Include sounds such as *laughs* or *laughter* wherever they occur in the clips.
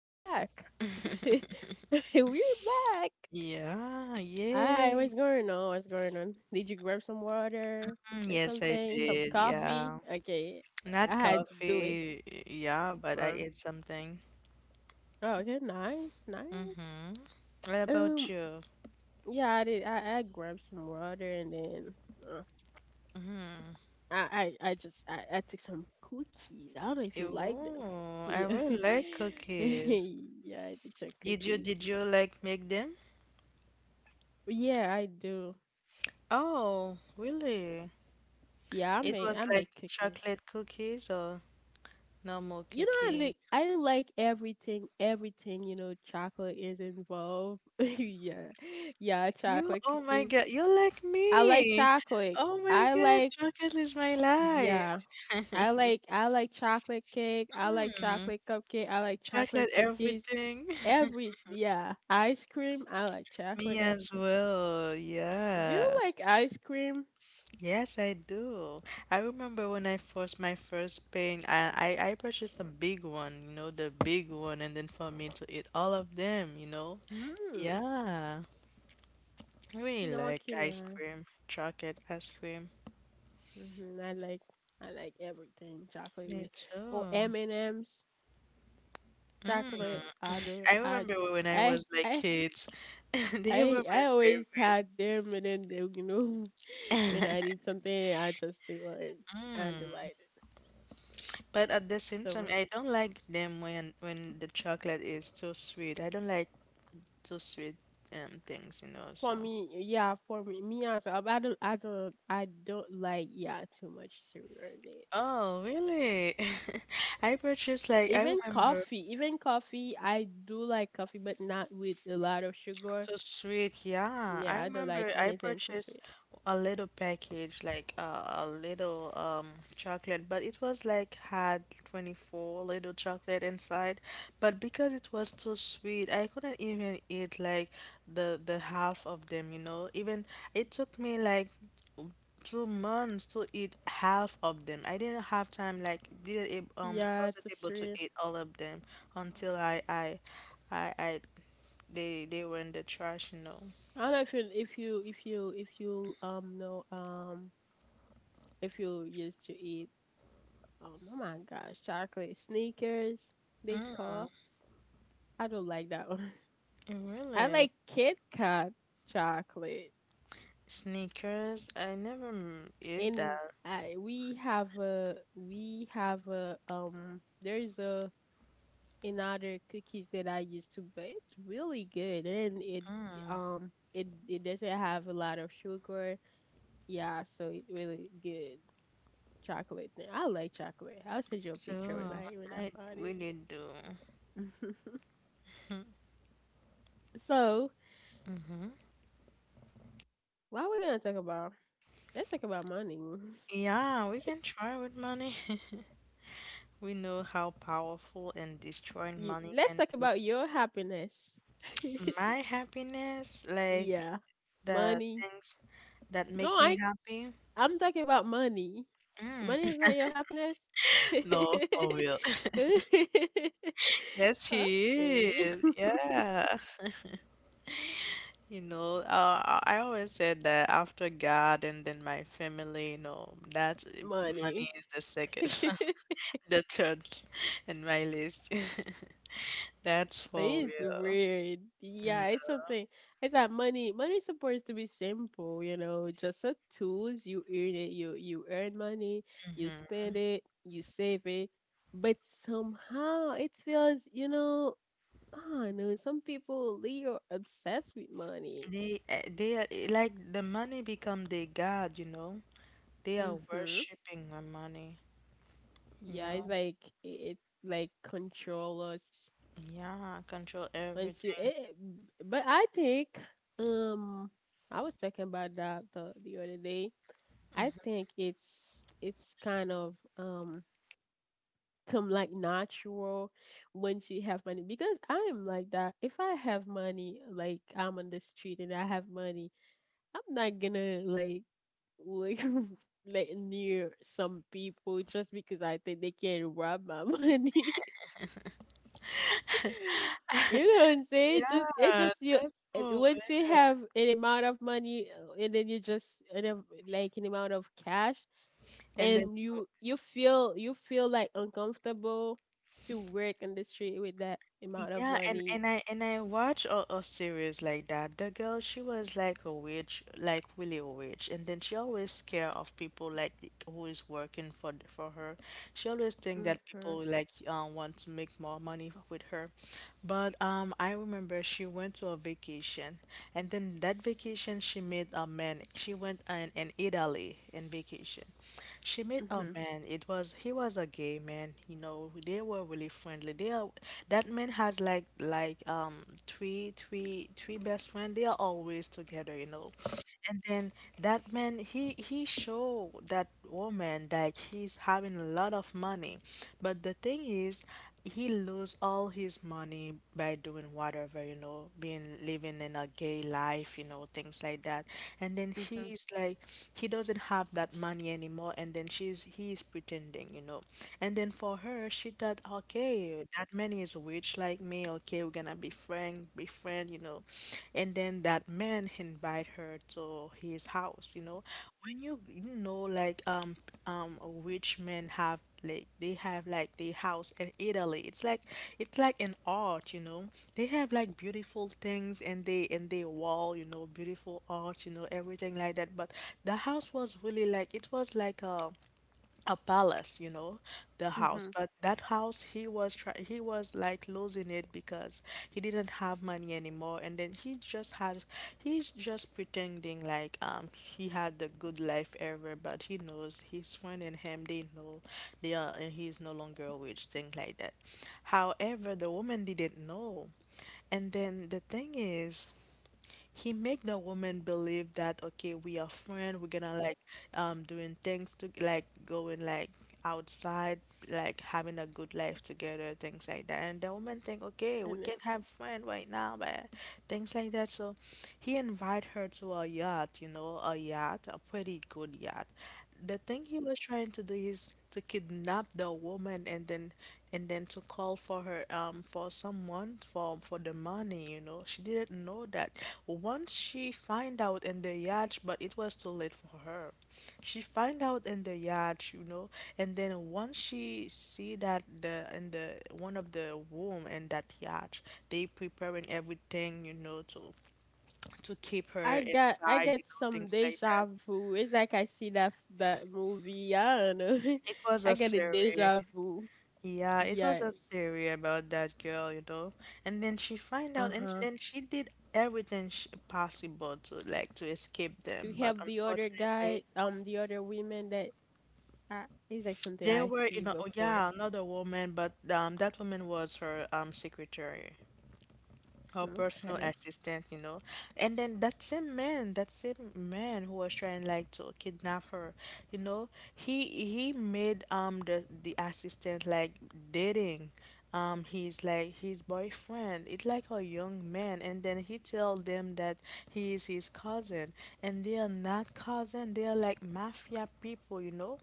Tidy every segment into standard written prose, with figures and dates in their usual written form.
We're back. *laughs* We're back. Yeah, Hi, yay. what's going on? What's going on? Did you grab some water? Mm, Take yes, I something, some did. coffee? Yeah. Okay, I Not had to do it. coffee, yeah, but I Um, ate something. oh, okay, nice, nice. Mm-hmm. What about Um, you? yeah, I did. I grabbed some water and then uh, Mm-hmm. I took some cookies. I don't know if you like them. *laughs* Ooh, I Yeah, really like *laughs* cookies. yeah, I took some Did you cookies. did you like make them? Yeah, I do. Oh, really? Yeah, I It make was I like make cookies. chocolate cookies or normal You know, I like cookies? I like everything, everything, chocolate is involved. *laughs* Yeah. Yeah, You, chocolate oh my cookies. God, you're like I like me. chocolate. Oh my I God, like chocolate is my Yeah. life. I *laughs* like I like chocolate cake. I like Mm. chocolate cupcake. I like chocolate Chocolate cookies. everything. *laughs* Every Yeah, ice cream. I like Me chocolate ice as cream. well. Do you Yeah. like ice cream? Yes, I do. I remember when I first my first pain, I purchased a big one, you know, the big one, and then for me to eat all of them, you know. Hmm. Yeah. I really No, I like ice cannot. cream, chocolate ice cream. I like everything chocolate Me with oh too. M and M's Mm. chocolate. I do, I I remember do. when I I was like I kids, *laughs* they I were my I always favorite. had them, and then they, *laughs* when I *laughs* need something I just do it. I Mm. delight it. But at the same So time, I don't like them when the chocolate is too sweet. I don't like too sweet things, you know, for so. me, yeah, for me as well. I don't like, yeah, too much sugar in it. Oh, really? *laughs* I purchased like I Even remember coffee even coffee I do like coffee but not with a lot of sugar. So sweet, yeah. Yeah, I I don't like remember I anything too purchased sweet. a little package, like a little chocolate, but it was like had 24 little chocolate inside. But because it was too sweet, I couldn't even eat like the half of them, you know. Even it took me like 2 months to eat half of them. I didn't have time, like didn't ab- Yeah, it's wasn't a able to street. eat all of them until I they were in the trash, you know. I don't know if you if you if you if you know, if you used to eat, oh my gosh, chocolate sneakers they Mm, call. I don't like that one. *laughs* I really? like Kit Kat chocolate. Sneakers? I never ate And that. I we have a, there's a another cookies that I used to, but it's really good. And it Mm, um it it doesn't have a lot of sugar. Yeah, so it really good. Chocolate thing. I like chocolate. I'll send you a so picture when I I find really do. it. *laughs* *laughs* So, Mm-hmm. while we're gonna talk about, let's talk about money. *laughs* Yeah, we can try with money. *laughs* We know how powerful and destroying money Let's can talk be. about your happiness. My *laughs* happiness, like Yeah, the money. things that No, make me I happy. I'm talking about money. Mm. Money is not your happiness. *laughs* No, *laughs* for real. *laughs* Yes, he Okay. is. Yeah. You know, I always said that after God and then my family, you know, that *laughs* money Money. is the second, *laughs* *laughs* the third in my list. *laughs* That's for It's real. weird. Yeah, it's something. It's that money. Money is supposed to be simple, you know, just a tools. You earn it. You earn money. You Mm-hmm. spend it. You save it. But somehow it feels, I know some people they are obsessed with money. They are like the money become their God, you know. They are Mhm. worshiping the money, you Yeah, it's know. like it, it like control us Yeah, control once you. everything. But I think, um I was talking about that the other day. I think it's kind of, some like natural, once you have money, because I am like that. If I have money, like I'm on the street and I have money, I'm not gonna like, like *laughs* like near some people just because I think they can rob my *laughs* money. *laughs* You know what *laughs* I'm saying? It just it Yeah, just you. that's And cool. once you have an amount of money, and then you just, like an amount of cash, And then and you feel like uncomfortable to work in the street with that amount of Yeah, and money. and I watch a series like that. The girl, she was like a witch, like really a witch, and then she always scared of people like who is working for for her. She always think that Mhm. people like want to make more money with her. But I remember she went to a vacation, and then that vacation she met a man. She went in Italy in vacation. She met a Mhm. man. It was He was a gay man. You know, they were really friendly. They are that man has like three best friend. They are always together. You know, and then that man he show that woman that he's having a lot of money, but the thing is he lose all his money by doing whatever, you know, being living in a gay life, you know, things like that. And then Mhm. he's like he doesn't have that money anymore and then she's he's pretending, you know. And then for her, she thought, okay, that man is rich like me, okay, we're gonna be friend, you know. And then that man invite her to his house, you know. When you know like um rich men have like they have like the house in Italy. It's like an art, you know. They have like beautiful things and they wall, you know, beautiful art, you know, everything like that. But the house was really like it was like a palace, you know, the house. Mhm. But that house, he was like losing it because he didn't have money anymore, and then he's just pretending like he had the good life ever, but he knows his friend and him they know they are and he's no longer a witch, things like that. However, the woman didn't know. And then the thing is, he make the woman believe that okay we are friend we're gonna like doing things to like going like outside like having a good life together things like that and the woman think okay and we it- can have friend right now but things like that so he invite her to a yacht, you know, a yacht, a pretty good yacht. The thing he was trying to do is to kidnap the woman and then to call for her for someone for the money, you know. She didn't know that. Once she find out in the yacht, but it was too late for her. She find out in the yacht, you know, and then once she see that the in the one of the room in that yacht they preparing everything, you know, to keep her i got i inside, you got know, some things like that. deja vu. It's like I see that movie. I don't know. It *laughs* was I a got a series. deja vu. Yeah, it Yeah. was a theory about that girl, you know. And then she find out, and Uh-huh. then she did everything she, possible to like to escape To them. But help the other guy, unfortunately, the other women that, it's like something they I were, you see know, oh, before. yeah, another woman, but that woman was her secretary. Her personal Okay. assistant, you know. And then that same man who was trying like to kidnap her, you know, he made the assistant like dating he's like his boyfriend. It's like a young man and then he tell them that he is his cousin and they are not cousin. They are like mafia people, you know.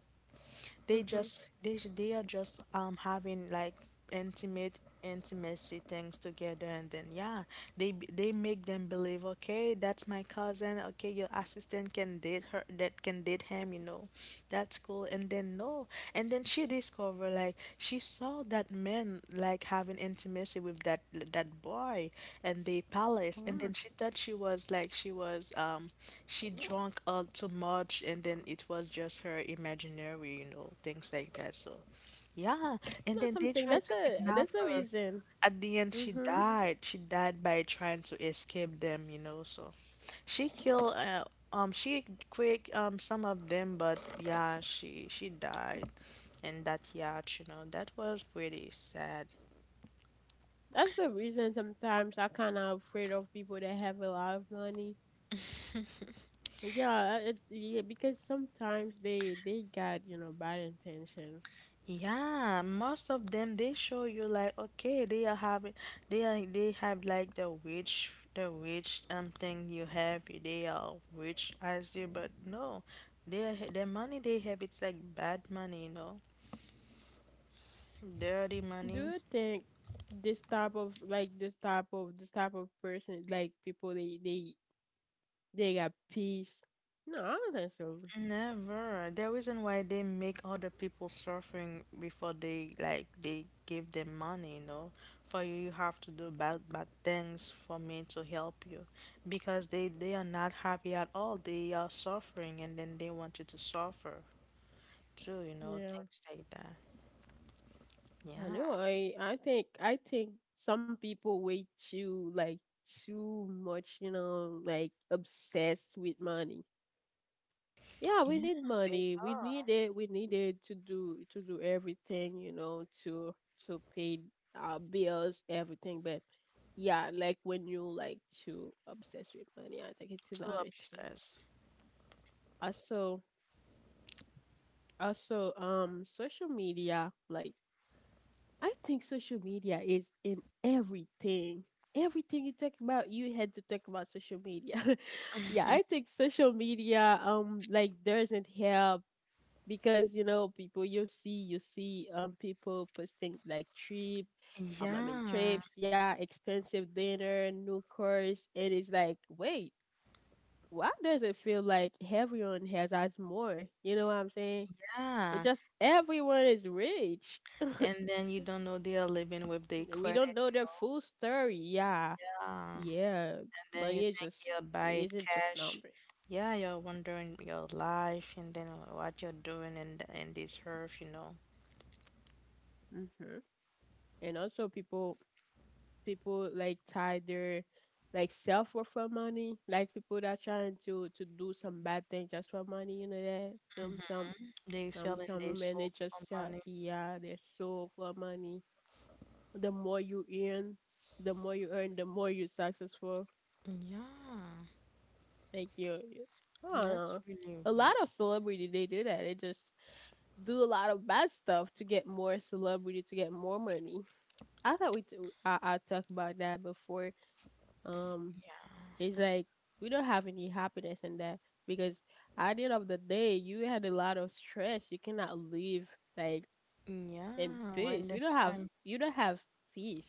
They Mm-hmm. just they are just having like intimate intimacy things together and then yeah they they make them believe okay that's my cousin okay your assistant can date her that can date him you know that's cool and then no and then she discovered like she saw that man like having intimacy with that boy and the palace and Mm. then she thought she was like she was she drunk all too much and then it was just her imaginary, you know, things like that, so yeah. And Not then they something. tried that's to a kidnap that's a her. reason. At the end she Mhm. died. She died by trying to escape them, you know, so she killed she quick some of them but yeah she died and that yacht, you know. That was pretty sad. That's the reason sometimes I kind of afraid of people that have a lot of money. But yeah, yeah, because sometimes they got, you know, bad intention. Yeah, most of them they show you like okay they are having they are they have like the witch thing you have they are rich as you but no their money they have it's like bad money, you know. Dirty Do money. you think this type of, like, this type of person, like, people, they got peace? No, I don't think so. Never. The reason why they make other people suffering before they like they give them money, you know. For you, you have to do bad bad things for me to help you, because they are not happy at all. They are suffering, and then they want you to suffer too, you know, Yeah, things like that. Yeah, I know. I think some people way too, like, too much, like, obsessed with money. Yeah, we yeah, need they money. We are need it. We need it to do everything, you know, to pay our bills, everything. But yeah, like when you like to obsess with money, I think it's too another thing. obsessed. Also, also, social media. Like, I think social media is in everything. Everything you talk about, you had to talk about social media. *laughs* Yeah, I *laughs* think social media, like, doesn't help, because, you know, people you see people posting, like, trip, I mean Yeah, trips, yeah, expensive dinner, new cars. And it's like, wait, why does it feel like everyone has us more? You know what I'm saying? It yeah. just everyone is rich. And then you don't know they are living with their We don't credit, know their you full story. Yeah, know. Yeah. yeah. Then you Money is think just you'll buy it isn't just cash. number. Yeah, you're wondering your life and then what you're doing in in this earth, you know. Hmm. And also, people, like, tie their, like, self worth for money. Like people that trying to do some bad thing just for money. You know that Mm-hmm. They selling some their women, they soul just, for money. yeah, they're so for money. The more you earn, the more you earn, the more you're successful. Yeah, Like you I don't know. that's really A lot weird. of celebrity they do that. They just do a lot of bad stuff to get more celebrity to get more money. I thought we t- I talked about that before. Um, Yeah, It's like we don't have any happiness in that because at the end of the day, you had a lot of stress. You cannot live, like, in yeah. Peace. We don't time have You don't have peace.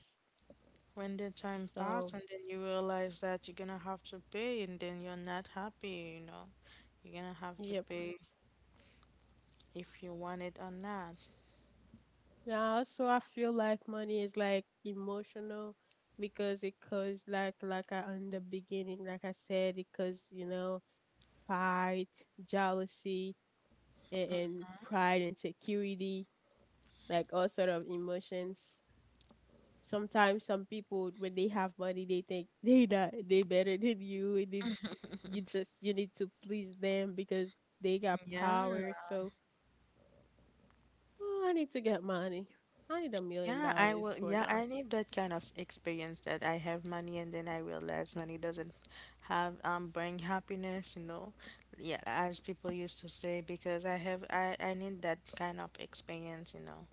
when the time pass and So, then you realize that you're gonna have to pay and then you're not happy, you know. You're gonna have to yep. pay if you want it or not. Yeah. Also, I feel like money is like emotional because it cause, like, I in the beginning, like I said, it cause, you know, fight, jealousy, and pride, and security, like, all sort of emotions. Sometimes some people when they have money, they think they not, they better than you, and then you need to please them because they got Yeah, power. So, oh, I need to get money. I need a million yeah, I dollars will. for Yeah, now. I need that kind of experience that I have money and then I realize money doesn't have bring happiness, you know. Yeah, as people used to say, because I need that kind of experience, you know.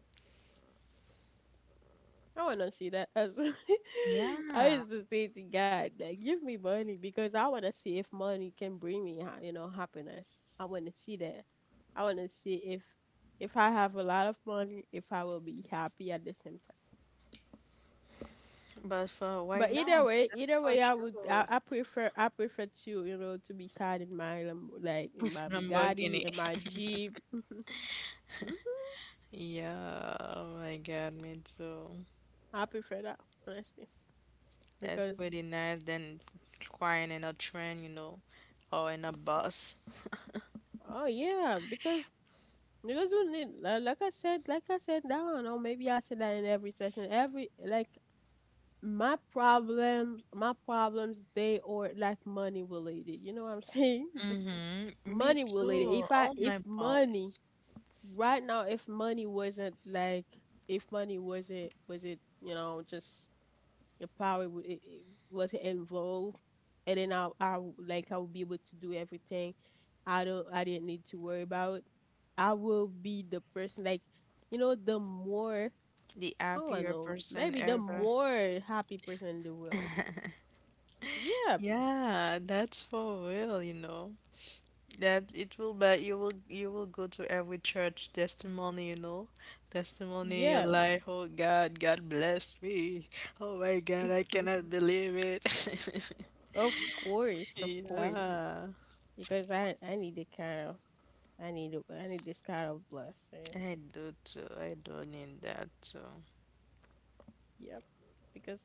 I want to see that. As *laughs* I Yeah, used to say to God, like, give me money because I want to see if money can bring me, happiness. I want to see that. I want to see if I have a lot of money, if I will be happy at the same. but for But right now, that's either for way, sure. I prefer to, you know, to be sat in my, like in *laughs* my Bugatti, Lamborghini. in my Jeep. Hmm. Yeah, oh my God, me too. I prefer that, honestly. That's Because pretty nice than crying in a train, you know, or in a bus. oh yeah, because, we need, like I said, that I don't know, maybe I said that in every session, every, like, my problems, they are, like, money related. You know what I'm saying? *laughs* Just Mm-hmm. Me money related. too. If I Oh if my God. money Right now, if money wasn't, like, if money wasn't, was it, you know, just your power, it wasn't involved. And then like I would be able to do everything. I didn't need to worry about. I will be the person, like, you know, the more The I don't happier know, person maybe the ever. more happy person in the world. Yeah, Yeah, that's for real, you know. That it will be you will go to every church testimony, you know. Testimony, you're yeah. like, oh God, God bless me. Oh my God, I *laughs* cannot believe it. *laughs* Of course, of course. Yeah. Because I need the kind of. I need this kind of blessing. I do too. I do need that too. Yep. Because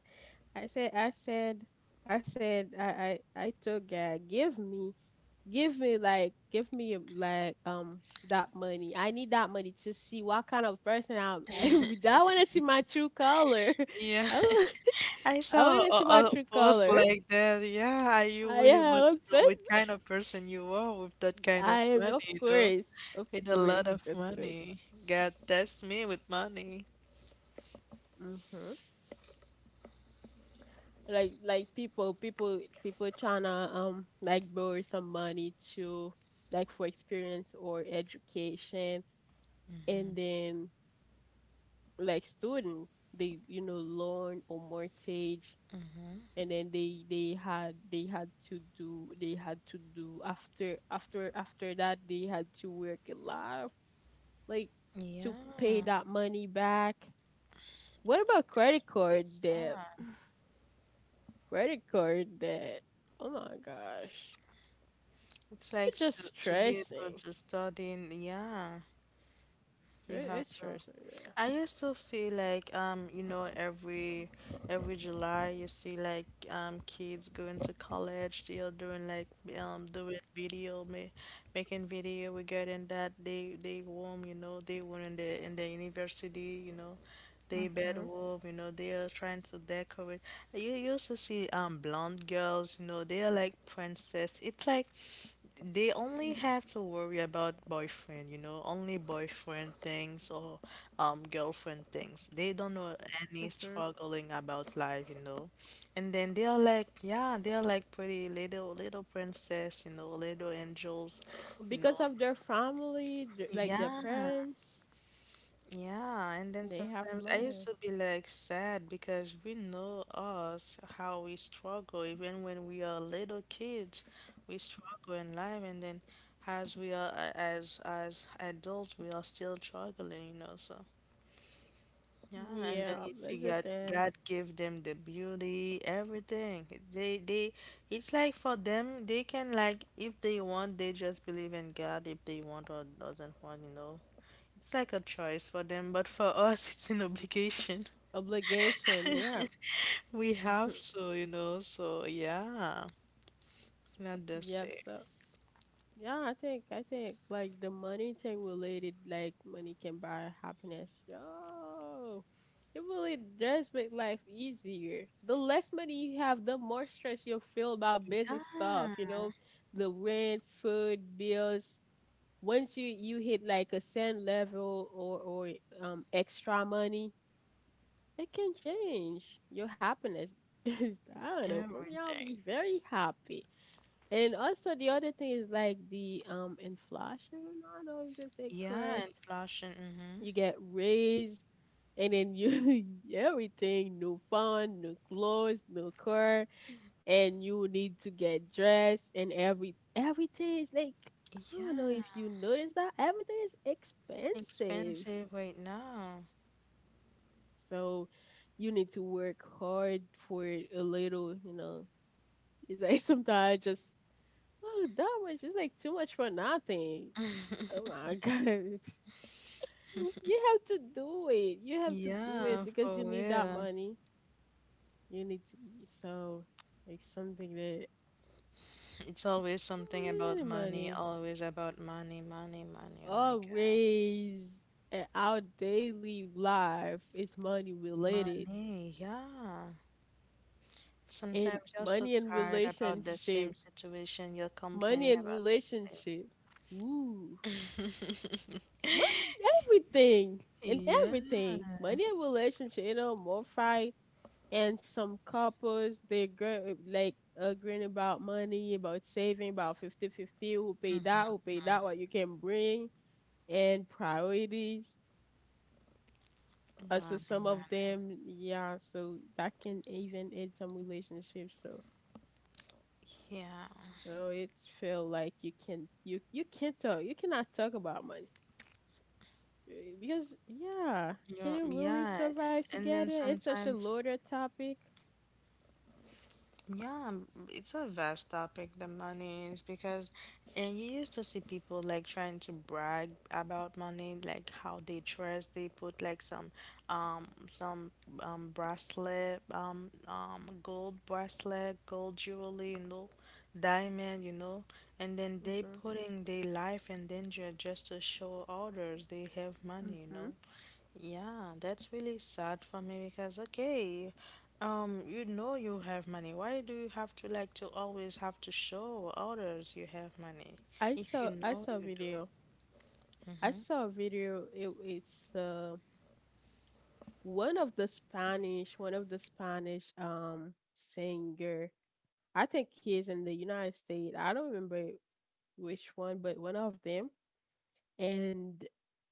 I said, I said, I said, I told God, give me like, that money. I need that money to see what kind of person I'm. *laughs* I want to see my true color. Yeah. *laughs* I want, I I want to saw see my a true post color. like that. Yeah, I you I really want am to know what kind obsessed. of person you are with that *laughs* kind of I am, money, of you know, course, of with a lot course, of of course. money. God test me with money. Hmm, people trying to, like, borrow some money to, like, for experience or education. And then, like, student, they, you know, loan or mortgage. Hmm And then they had they had to do they had to do after that they had to work a lot of, like, to pay Yeah, that money back. What about credit card it's debt? that. Credit card debt, oh my gosh. It's It's like just to be able stressing. to study, and yeah, you have It's to. stressing. Yeah. I used to see like you know every July you see like kids going to college they are doing like doing video ma making video regarding that they room you know they were in the university you know they Mm-hmm. bedroom you know they are trying to decorate. You used to see blonde girls, you know, they are like princess. It's like they only have to worry about boyfriend, you know, only boyfriend things or girlfriend things. They don't know any Mm-hmm. struggling about life, you know. And then they are like, yeah, they are like pretty little princess, you know, little angels, you know. Because of their family, like their Yeah, parents, yeah, and then they have sometimes I used money. to be like sad because we know us how we struggle even when we are little kids, we struggle in life, and then as we are as adults, we are still struggling, you know. So yeah, and then Yeah, you that's see the God thing. God give them the beauty, everything. They It's like for them, they can like, if they want, they just believe in God, if they want or doesn't want, you know. It's like a choice for them, but for *laughs* us, it's an obligation. Obligation. Yeah. *laughs* We have to, you know, so yeah, it's not the *laughs* Yep. same. So, yeah, I think, like, the money thing related, like money can buy happiness. Yo, it really does make life easier. The less money you have, the more stress you'll feel about basic Yeah, stuff. You know, the rent, food, bills. Once you hit, like, a certain level, or extra money, it can change your happiness. *laughs* I don't know. For me, I'll be everything. very happy. And also the other thing is like the, inflation. I don't know if it's it Yeah, correct. inflation. Mm-hmm. You get raised and then you *laughs* everything, new phone, new clothes, new car, and you need to get dressed and everything is like I don't know Yeah, if you notice that everything is expensive. expensive right now. So you need to work hard for it a little, you know. It's like *laughs* sometimes I just oh that much is like too much for nothing. Oh my gosh. *laughs* You have to do it. You have to do it Yeah, because you for need that real. money. You need to, so like something that It's always oh something we need about the money, money. always about money, money, money. Oh my God. Always our daily life is money related. Money, yeah. And Sometimes you're so money and tired about the relationship. same situation, you're Money complaining and about the relationship. Woo. same. *laughs* Money and everything. And Yeah. everything. Money and relationship. You know, more fight and some couples like agreeing about money, about saving, about fifty-fifty. Who pay that, Mm-hmm. who pay that, what you can bring and priorities, also Money, some of money. them, yeah, so that can even end some relationships. So Yeah. so it's feel like you can you can't talk, you cannot talk about money. Eh, because yeah, you can you really Yeah. survive And then together? It's such a sometimes, loaded topic. yeah, it's a vast topic, the money is, because, and you used to see people like trying to brag about money, like how they dress, they put like some, um, some bracelet, gold bracelet, gold jewelry, you know, diamond, you know, and then they putting their life in danger just to show others they have money, you know. Mm-hmm. Yeah, that's really sad for me because, okay, you know you have money. Why do you have to like to always have to show others you have money I if you saw I know saw you a do? video. I saw a video. It's one of the Spanish, one of the Spanish singer. I think he is in the United States. I don't remember which one, but one of them. And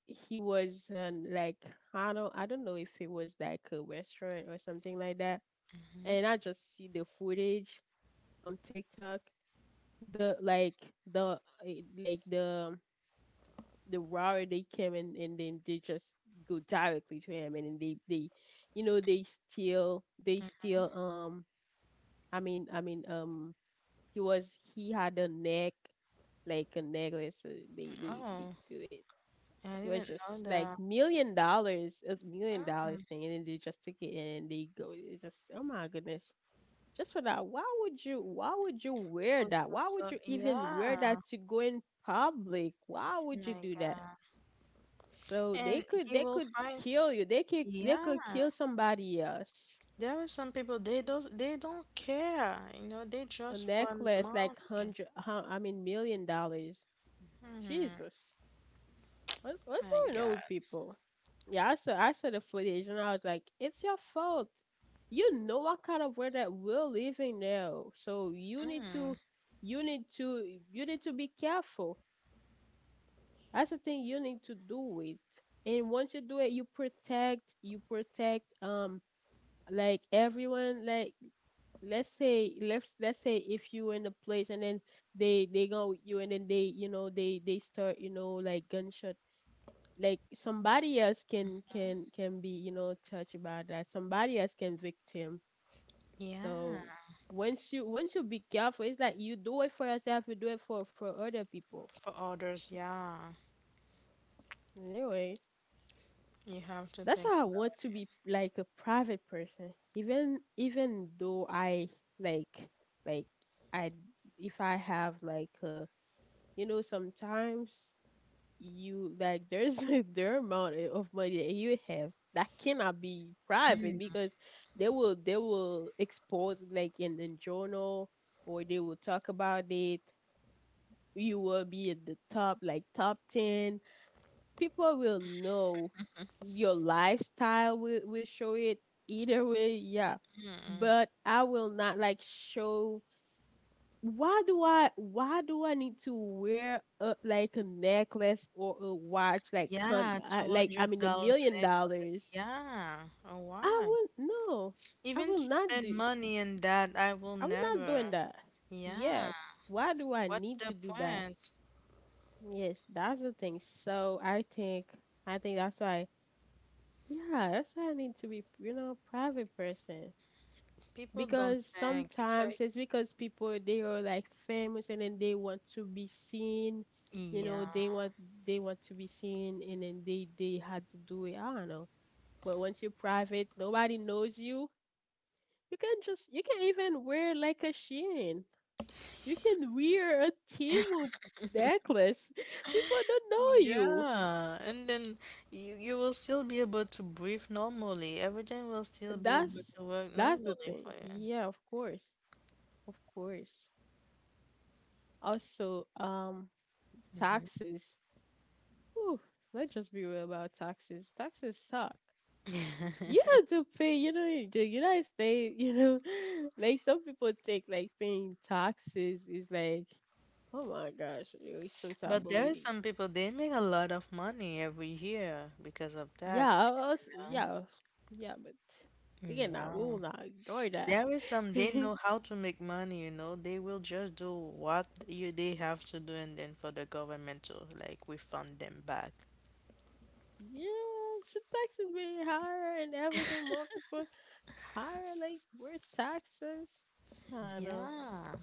he was like I don't know if it was like a restaurant or something like that. Hmm. And I just see the footage on TikTok. The like the like the route they came in and then they just go directly to him and then they you know they still they still, I mean, he was, he had a neck, like a necklace, they Oh, do it, I it was didn't just know like that. $1 million, a million Mm, dollars thing, and then they just took it and they go, it's just oh my goodness. Just for that, why would you, why would you wear post that, why would yourself. you even wear Yeah, that to go in public, why would you my do that? God. So they And could you they will could find, kill you. They could they yeah, could kill somebody else. there are some people they don't care. You know, they A just want necklace like money. I mean $1 million. Mm, Jesus, what's my going on God. with people? Yeah, I saw the footage and I was like, it's your fault. You know what kind of world that we're living now. So you need Mm, to you need to you need to be careful. That's the thing you need to do with. And once you do it, you protect like everyone, like let's say let's say if you in a place and then they go with you and then they you know they start, you know, like gunshot, like somebody else can can be you know touched about that, somebody else can victim. yeah. So once you be careful, it's like you do it for yourself, you do it for other people. For orders, yeah, Anyway, you have to that's think why I about. want to be like a private person. Even though I like like I, if I have like a, you know, sometimes you like there's *laughs* their amount of money that you have that cannot be private because they will expose it, like in the journal, or they will talk about it, you will be at the top like top 10, people will know, your lifestyle will show it either way, yeah. Mm-mm. But I will not like show. Why do I need to wear a like a necklace or a watch like Yeah, like I mean a $200 million necklace. dollars? Yeah, oh I why? will no. I Even will to not spend do, money in that, I will I will not never. doing that. Yeah, Yeah. Why do I what's need to the do that? point? Yes, that's the thing. So I think that's why, yeah, that's why I need to be, you know, private person. People don't Because think. It's sometimes like, it's because people they are like famous and then they want to be seen, you yeah. know they want to be seen and then they had to do it, I don't know. But once you're private, nobody knows you, you can just you can even wear like a chain, you can wear a timu necklace, *laughs* people don't know you. Yeah, and then you, will still be able to breathe normally. Everything will still be able that's to work that's the normally for thing, yeah, of course, of course. Also you. taxes. Whew, let's just be real about taxes. Taxes suck. *laughs* You have to pay, you know, in the United States, you know, *laughs* like some people take like paying taxes is like, oh my gosh, But there are responsibility. some people they make a lot of money every year because of Yeah, taxes, us, you know? yeah, yeah, but we Mm, cannot, we yeah. will not ignore that. There is *laughs* some, they Yeah, know how to make money, you know. They will just do what you they have to do and then for the government to like refund them back. should taxes be higher and everything? More people higher, like, we're taxes. I don't know. Yeah.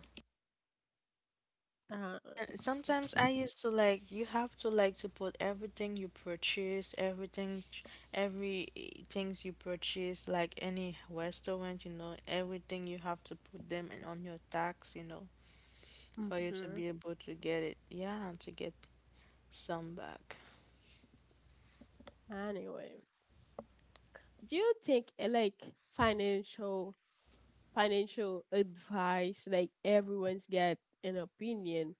Uh, And sometimes I it's. used to like you have to like to put everything you purchase, everything, every things you purchase, like any restaurant, you know, everything you have to put them in on your tax, you know, for you to Hmm. be able to get it. Yeah, to get some back. Anyway, do you think like financial financial advice like everyone's got an opinion?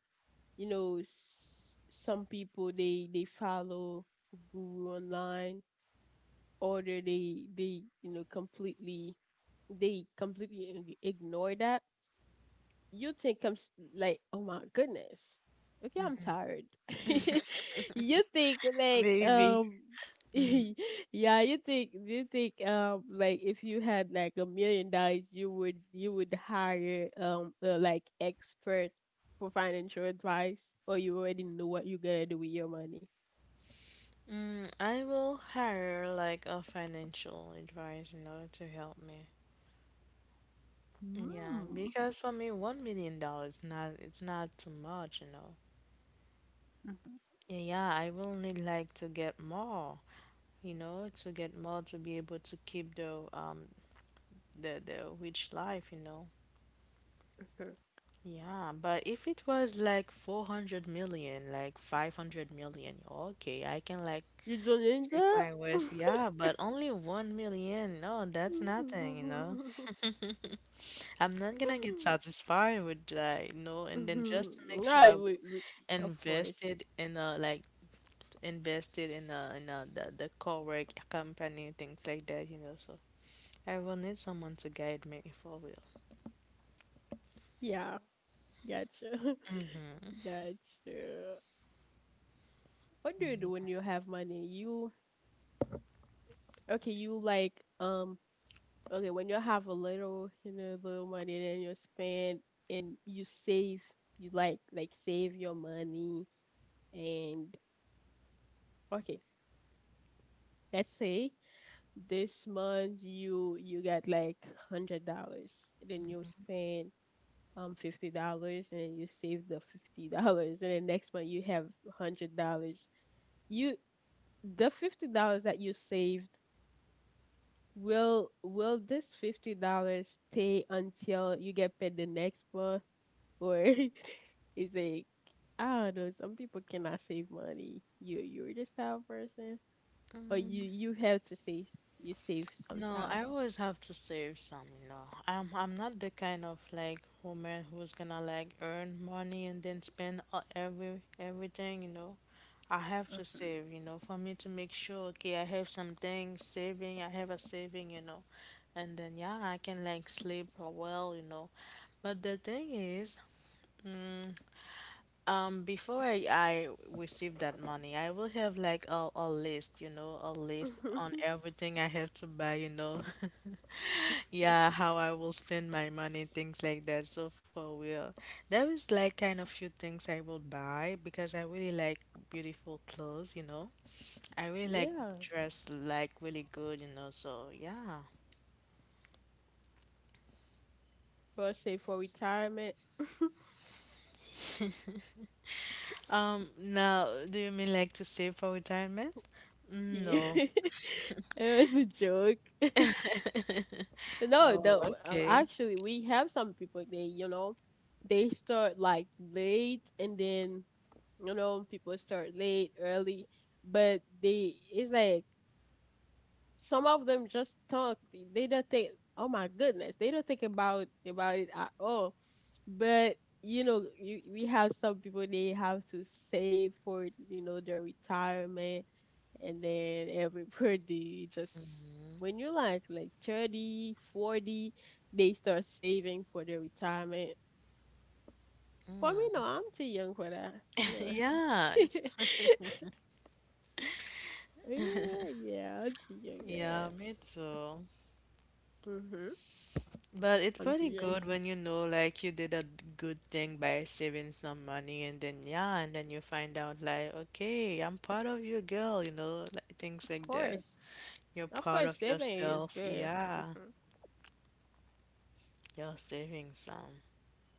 You know, some people they follow guru online, or they, you know, completely, they completely ignore that. You think like, oh my goodness, okay, I'm tired. *laughs* You think like Maybe. *laughs* Mhm. yeah, you think like if you had like $1 million, you would hire a, like expert for financial advice, or you already know what you're gonna do with your money. Mm, I will hire like a financial advisor in order to help me. Yeah, Mm. because for me, $1 million not, it's not too much, you know. Mhm. Yeah, I will need like to get more, you know, to get more to be able to keep the the rich life, you know. Mhm. Yeah, but if it was like 400 million, like 500 million, okay, I can like You don't need take that. my worst, yeah, but only 1 million. No, that's nothing, you know. *laughs* *laughs* *laughs* I'm not gonna get satisfied with that, you know. And then just to make sure, Yeah, I we, will we, of course. invest in a like invested in a the, correct company, things like that, you know. So I will need someone to guide me for real. Yeah, gotcha. Mm-hmm. *laughs* Gotcha. What do you do when you have money? You okay, you like um okay, when you have a little, you know, little money then you spend and you save, you like save your money and okay, let's say this month you got like $100, then you spend $50 and then you save the $50 and then next month you have $100, you, the $50 that you saved, will this $50 stay until you get paid the next month, or *laughs* is it, I don't know, some people cannot save money. You you're this type of person or you have to save, you save No, I sometimes. always have to save some, you know. I'm not the kind of like woman who's gonna like earn money and then spend everything, you know. I have to save, you know, for me to make sure, okay, I have something saving, I have a saving, you know. And then, yeah, I can like sleep well, you know. But the thing is, mm, before I receive that money, I will have like a list, you know, a list on Mhm. everything I have to buy, you know. *laughs* Yeah, how I will spend my money, things like that. So for real, there is like kind of few things I will buy because I really like beautiful clothes, you know. I *laughs* really like Yeah, dress like really good, you know. So yeah. or save for retirement. *laughs* Now, do you mean like to save for retirement? Mm, Yeah, no. *laughs* it was a joke. *laughs* No, Oh, no. Okay. Actually, we have some people they, you know, they start like late and then, you know, people start late, early, but they it's like some of them just talk. They don't think, oh my goodness, they don't think about it at all. But you know, you, we have some people they have to save for, you know, their retirement, and then every birthday just when you're like 30, 40, they start saving for their retirement. For me, no, I'm too young for that. *laughs* Anyway, Yeah, it's *laughs* yeah, yeah, I'm too young for yeah, that. me too. Hmm. But it's I'm too pretty young. good when you know like you did a good thing by saving some money and then, yeah, and then you find out like, okay, I'm proud of you, girl, you know, like things Of like that. course, You're of proud course of saving is yourself. good. Yeah, Hmm. you're saving some.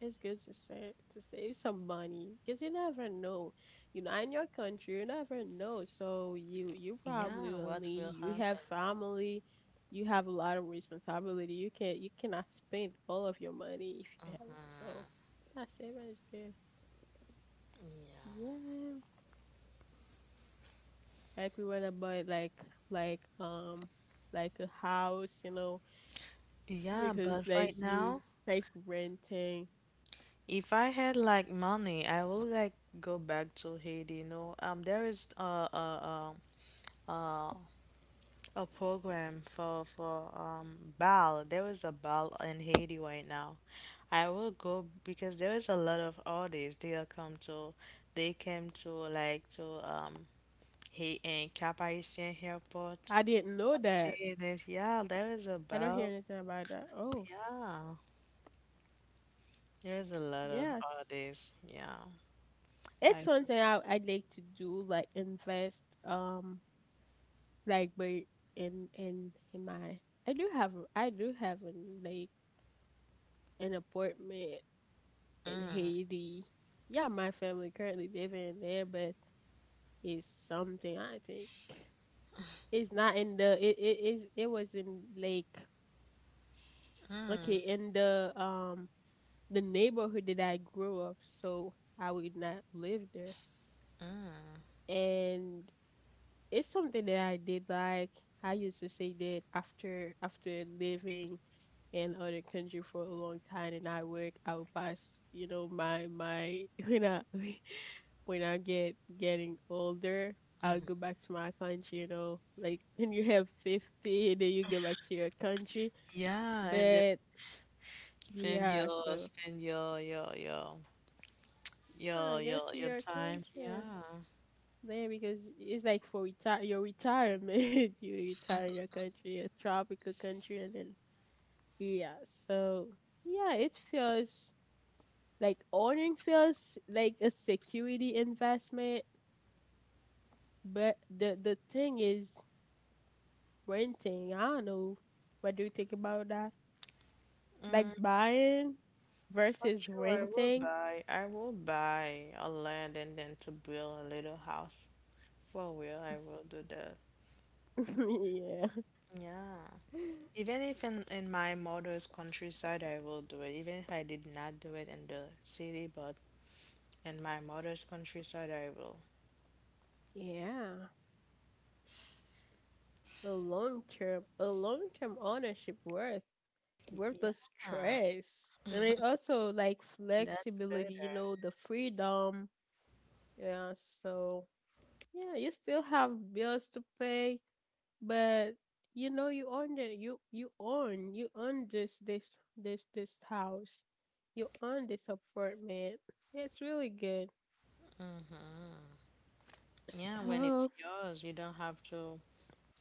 It's good to save some money because you never know. You know, in your country, you never know. So you Yeah, probably what only will you have happen? family, you have a lot of responsibility. You can't, you cannot spend all of your money if you have it. So I, saving is good. Yeah. Yeah, like we want to buy like um like a house, you know, Yeah, because but right like you now, like renting. if I had like money, I will like go back to Haiti, you know. There is um uh a program for bal. There is a bal in Haiti right now. I will go because there is a lot of artists. They are come to, they came to like to Haiti and Cap Haitien Airport. I didn't know I'm that. seeing this. Yeah, there is a I don't hear bal. anything about that. Oh, Yeah, there is a lot of yes. artists. Yeah, It's I. something I, I'd like to do, like invest, like but in my, I do have an like an apartment in Mm, Haiti. Yeah, my family currently living there, but it's something I think it's not in the it, it is, it was in like okay in the neighborhood that I grew up, so I would not live there, and it's something that I did like. I used to say that after after living in other country for a long time and I work, I will pass, you know, my *laughs* when I *laughs* when I get getting older, I'll mhm. go back to my country, you know. Like when you have 50 then you go back to your country. Yeah, and then But spend yeah, your so spend your your your your I go your to your time. country. Yeah. There because it's like for retire your retirement. *laughs* You retire in your country, a tropical country, and then yeah, so yeah, it feels like owning feels like a security investment, but the thing is renting. I don't know. What do you think about that? Mm. Like buying For versus sure, I will renting? buy. I will buy a land and then to build a little house. For real, I will do that. *laughs* Yeah. Yeah. Even if in, my mother's countryside, I will do it. Even if I did not do it in the city, but in my mother's countryside, I will. Yeah. A long term ownership worth worth the Yeah, stress. And it also like that's flexibility, you better. know, the freedom. Yeah, so yeah, you still have bills to pay, but you know you own it. You you own this this this house. You own this apartment. It's really good. Hmm. Yeah, when it's So yours, you don't have to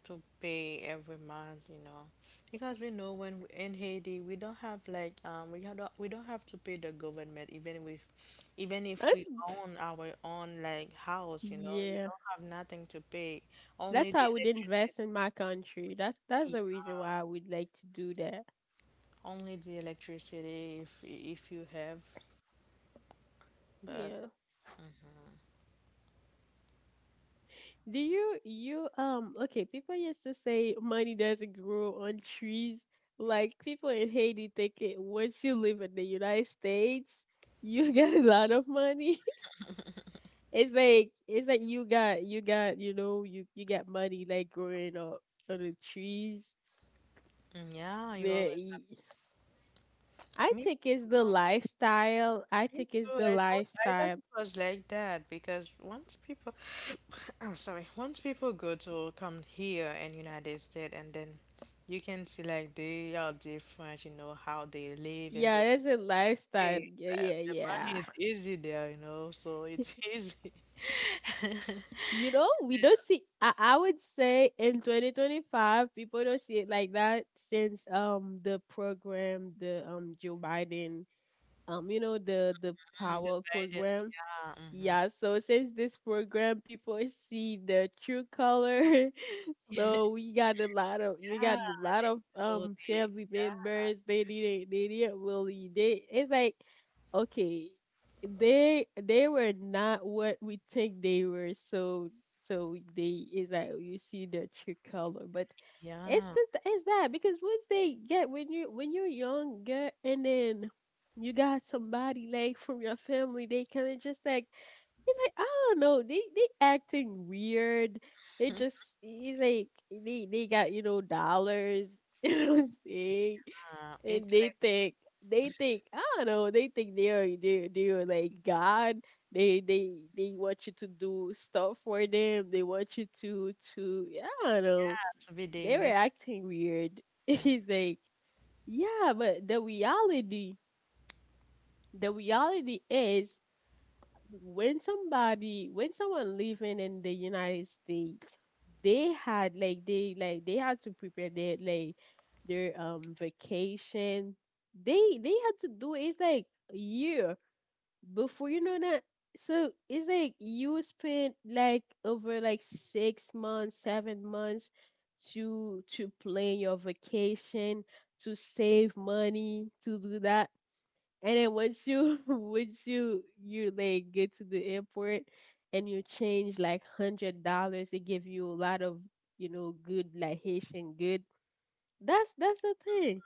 to pay every month, you know, because we know when in Haiti we don't have like we don't have to pay the government, even with, even if that's we own our own like house, you know, we yeah. don't have nothing to pay, only That's how the I would electricity, invest in my country. That's the reason why I would like to do that. only the electricity if you have, but Yeah. Do you you Okay, people used to say money doesn't grow on trees. Like people in Haiti think it once you live in the United States, you *laughs* got a lot of money. *laughs* It's like you got you got money like growing up on the trees. mm, yeah, you Yeah, always. I think it's the lifestyle. I Me think it's too. the I thought lifestyle. it was like that because once people, *coughs* *sniffs* I'm sorry, once people go to come here in United States and then you can see like they are different, you know, how they live and Yeah, they it's a lifestyle. pay. Yeah, yeah, The money yeah. is easy there, you know, so it's *laughs* easy. You know, we don't see. I would say in 2025, people don't see it like that since the program, the Joe Biden, you know the Mm, the power Biden, program. yeah, mhm. Yeah, so since this program people see the true color, *laughs* so *laughs* we got a lot of we Yeah, got a lot they of know um the, family yeah, members. They didn't really they It's like okay, they were not what we think they were. So so they it's like you see the true color, but it's yeah. just it's that because once they get when you're younger and then you got somebody like from your family, they kind of just like. He's like, I don't know, they acting weird. They just he's like they got, you know, dollars, *laughs* you know what I'm saying? It's And like, they think, I don't know, they think they are they are like God. They want you to do stuff for them. They want you to yeah, I don't know. yeah, to be they They were made. acting weird. *laughs* He's Mm-hmm. like, yeah, but the reality is when somebody, when someone living in the United States, they had like they had to prepare their like their vacation. They had to do it, it's like a year before you know that. So it's like you spent like over like 6 months, 7 months to plan your vacation, to save money, to do that. And then once you *laughs* once you you like get to the airport and you change like $100, they give you a lot of you know good like Haitian good. That's the thing.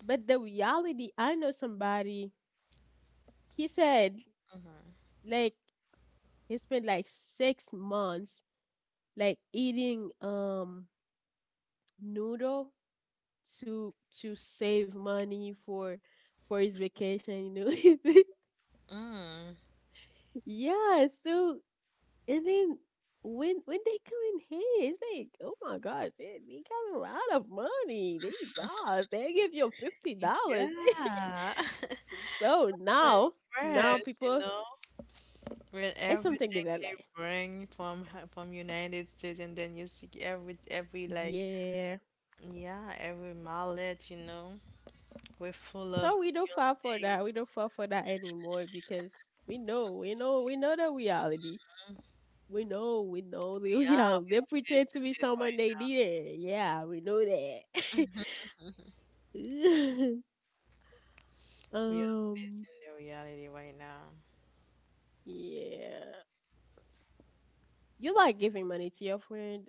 But the reality, I know somebody. He said Mm-hmm. like he spent like 6 months like eating noodle to to save money for his vacation. You know, Mm. *laughs* yeah. So and then when they come in here, it's like, oh my gosh, they got a lot of money. They boss. They give you $50. Yeah. *laughs* *laughs* So I'm now, now impressed, you people, know, with it's something everything that I they like. bring from from United States, and then you see every like, Yeah. yeah, every mallet, you know, we're full of So we don't new fall for things. that. We don't fall for that anymore because we know the reality. We know the *laughs* reality. We They are pretend to facing be it someone right. they didn't. Yeah, we know that. *laughs* We are um. facing the reality right now. Yeah. You like giving money to your friend.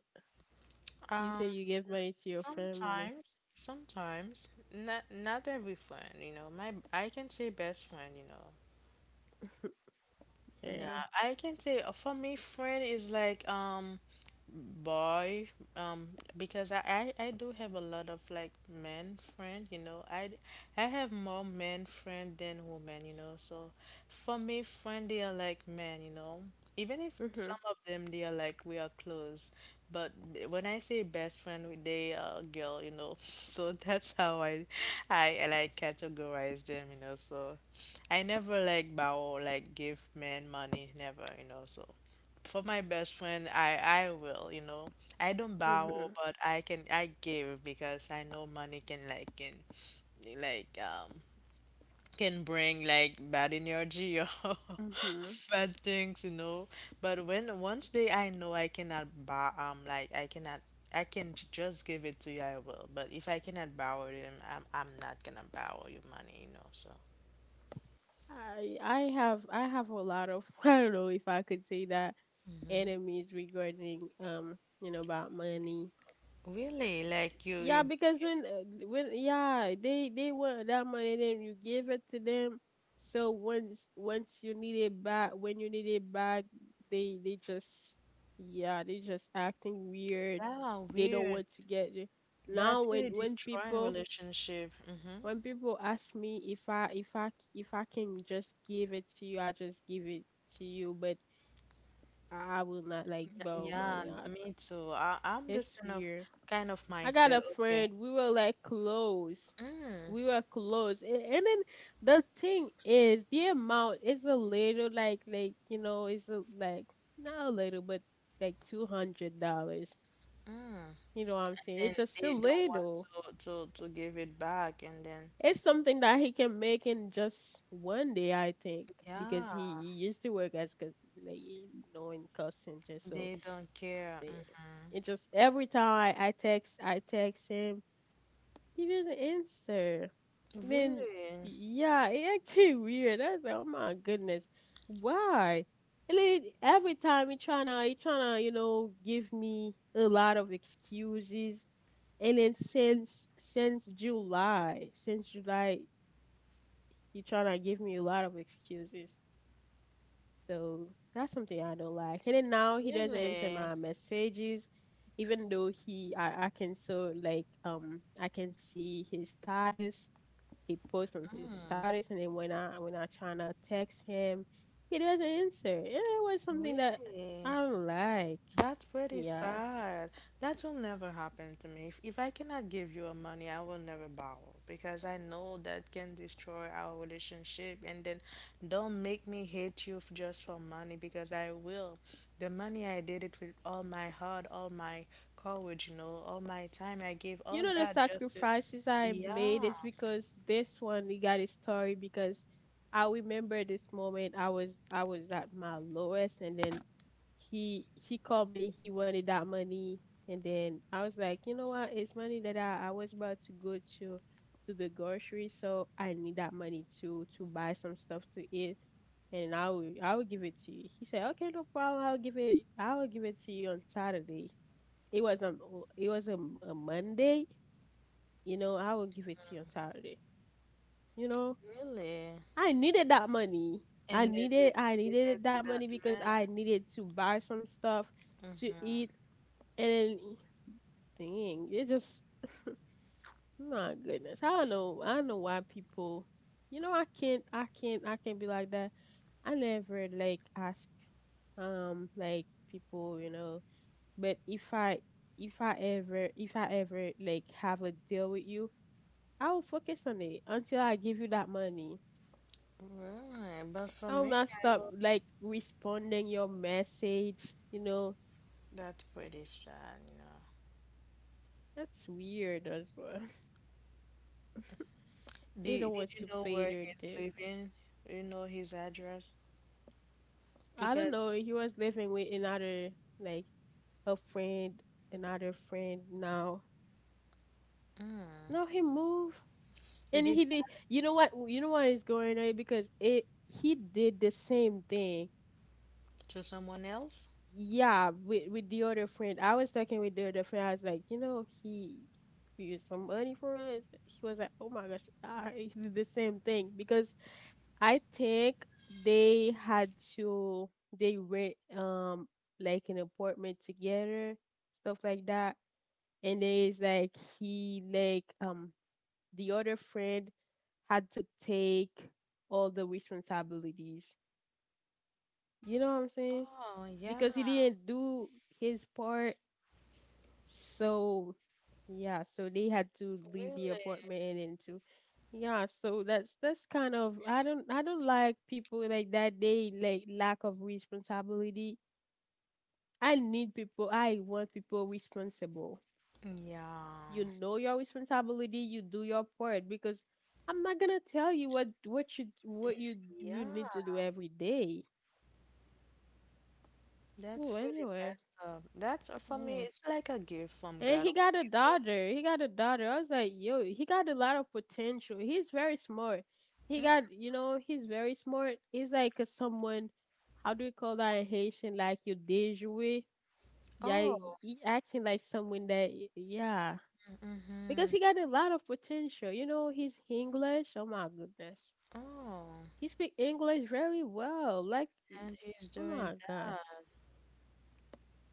You Um, say you give money to your family. sometimes. Sometimes, not every friend, you know. My, I can say best friend, you know. Yeah, Yeah. I can say, for me, friend is like boy, um because I do have a lot of like men friend, you know, I have more men friend than women, you know, so for me friend they are like men, you know, even if Mhm. some of them they are like we are close, but when I say best friend, they are girl, you know, *laughs* so that's how I like categorize them, you know, so I never like borrow, like give men money, never, you know. So for my best friend, I will, you know. I don't borrow, Mhm. but I can I give because I know money can like um can bring like bad energy *laughs* or Mhm. bad things, you know. But when once they, I know I cannot bow, like I cannot, I can just give it to you, I will. But if I cannot borrow them, I'm not gonna borrow you money, you know. So. I have a lot of *laughs* I don't know if I could say that enemies regarding you know about money. Really, like you, Yeah, you, because when yeah, they want that money, then you give it to them. So once you need it back, when you need it back, they just yeah, they just acting weird. yeah, They don't weird. want to get it. That's Now when really when destroying people relationship. Mm-hmm. when people ask me if I can just give it to you, I just give it to you, but I will not like Yeah, borrow yeah, money out. me too. I'm this It's kind of weird. I got mindset. a Okay. friend. We were like close. Mm, We were close. And then the thing is, the amount is a little like you know, it's a, like not a little, but like $200. mm. You know what I'm saying? Then It's just a they don't little. want to to give it back, and then It's something that he can make in just one day, I think, because yeah, he used to work as like you know in call center. So they don't I care. think it just every time I text him. He doesn't answer. Mm-hmm. Then, Really, yeah, it acted *laughs* weird. I was like, oh my goodness, why? And then every time he tryna, you know, give me a lot of excuses. And then since July, he tryna give me a lot of excuses. So that's something I don't like. And then now he doesn't answer my really, messages, even though he, I can so like I can see his status he posts on his status, and then when I trying to text him, he doesn't answer. And it was something that really. I don't like. That's pretty Yeah. sad. That will never happen to me. If I cannot give you a money, I will never borrow because I know that can destroy our relationship. And then don't make me hate you just for money because I will. The money I did it with all my heart, all my courage, all my time. I gave You all know the that just to, sacrifices I made yeah, is because this one he got his story because I remember this moment I was at my lowest and then he called me. He wanted that money, and then I was like, you know what? It's money that I was about to go to the grocery, so I need that money to buy some stuff to eat, and I will give it to you. He said, okay, no problem. I will give it to you on Saturday. It was a it was a, a Monday. You know, I will give it to you on Saturday. You know, really. I needed that money. And then you, I you give it needed to that that money because man. I needed to buy some stuff to Mm-hmm. eat and then thing. It just *laughs* my goodness. I don't know. I don't know why people. You know, I can't. I can't. I can't be like that. I never like ask like people. You know, but if I ever like have a deal with you, I will focus on it until I give you that money. Right, but for I will me, not I stop will. like responding your message. You know, That's pretty sad. that's weird as well. *laughs* They don't Did want you to know pay where their he's debt. living? Do you know his address? I don't Because know. He was living with another, like a friend, another friend now. No, he moved, he and did he did. that You know what? You know what is going on because it he did the same thing. to someone else? Yeah, with the other friend. I was talking with the other friend. I was like, you know, he used some money for it. He was like, oh my gosh, I, *laughs* he did the same thing because I think they had to they rent like an apartment together, stuff like that. And then it's like he like the other friend had to take all the responsibilities. You know what I'm saying? Oh, yeah. Because he didn't do his part. So, yeah, so they had to leave the Really? apartment and to yeah, so that's kind of I don't like people like that. They like lack of responsibility. I need people. I want people responsible. Yeah. You know your responsibility. You do your part because I'm not gonna tell you what you you need to Yeah. do every day. That's Oh, really anyway, messed up. That's for me, yeah. it's like a gift from And God he when got a people. daughter. He got a daughter. I was like, yo, he got a lot of potential. He's very smart. He Mm? got, you know, he's very smart. He's like a someone, how do you call that in Haitian? Like you déjoué. Yeah, Oh. He acting like someone that, yeah. Mm-hmm. Because he got a lot of potential. You know, he's English. Oh my goodness. Oh. He speak English very well. Like, And he's oh doing my that. gosh.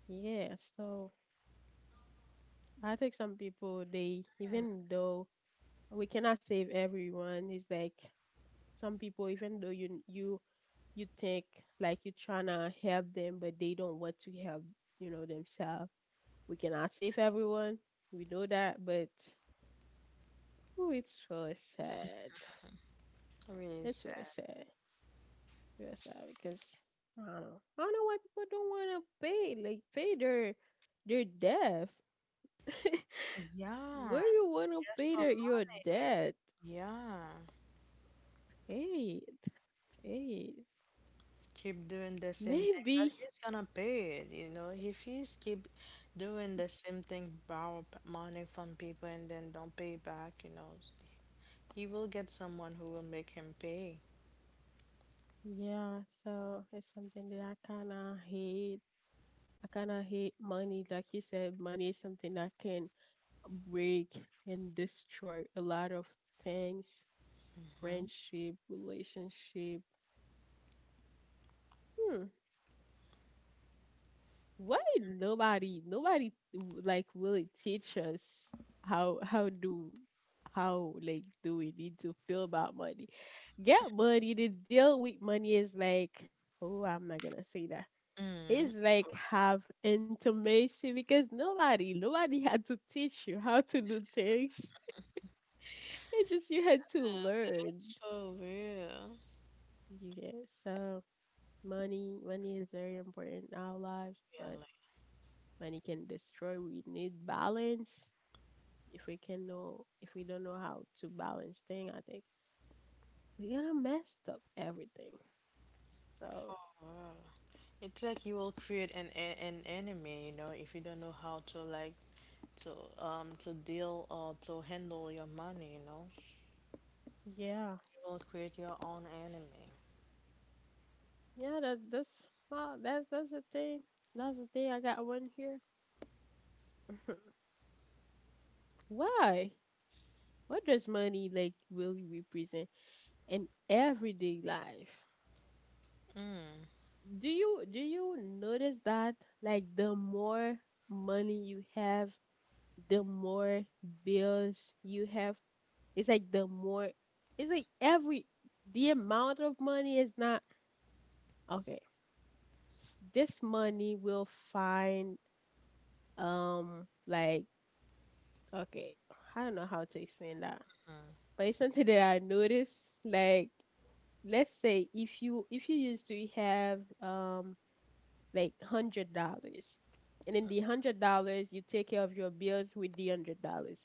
Yeah, so I think some people, they, Hmm, even though we cannot save everyone. It's like some people, even though you you think like you're trying to help them, but they don't want to help, you know, themselves. We cannot save everyone. We know that, but who it's really sad. really It's really sad. sad. Real sad because I don't know. I don't know why people don't want to pay like pay their debt. *laughs* Yeah. Where you want to Just pay for their, your money. debt? Yeah. Pay it. Pay it. Keep doing the same thing, but Maybe. he's gonna pay it. If he's keep doing the same thing, borrow money from people and then don't pay back, he will get someone who will make him pay. Yeah, so it's something that I kinda hate. I kinda hate money. Like you said, money is something that can break and destroy a lot of things, Mhm. friendship, relationship. Hmm. Why nobody like really teach us how how do how like do we need to feel about money? Get money to deal with money is like, oh, I'm not gonna say Mm. is like have intimacy because nobody had to teach you how to do things. It's just you Yeah, had to learn. that's for real. You get so money is very important in our lives, Yeah, but like money can destroy. We need balance. If we don't know how to balance thing, I think we're gonna mess up everything. So for real. It's like you will create an an enemy, if you don't know how to like to to deal or to handle your money, you know. yeah, You will create your own enemy. yeah, that that that's the thing. That's the thing. I got one here. *laughs* Why? What does money like really represent in everyday life? Mm. Do you notice that like the more money you have, the more bills you have? It's like the more it's like every The amount of money is not okay. This money will find, um like okay, I don't know how to explain that. Mm. But it's something that I noticed, like, let's say if you used to have like $100, and then the $100, you take care of your bills with the $100.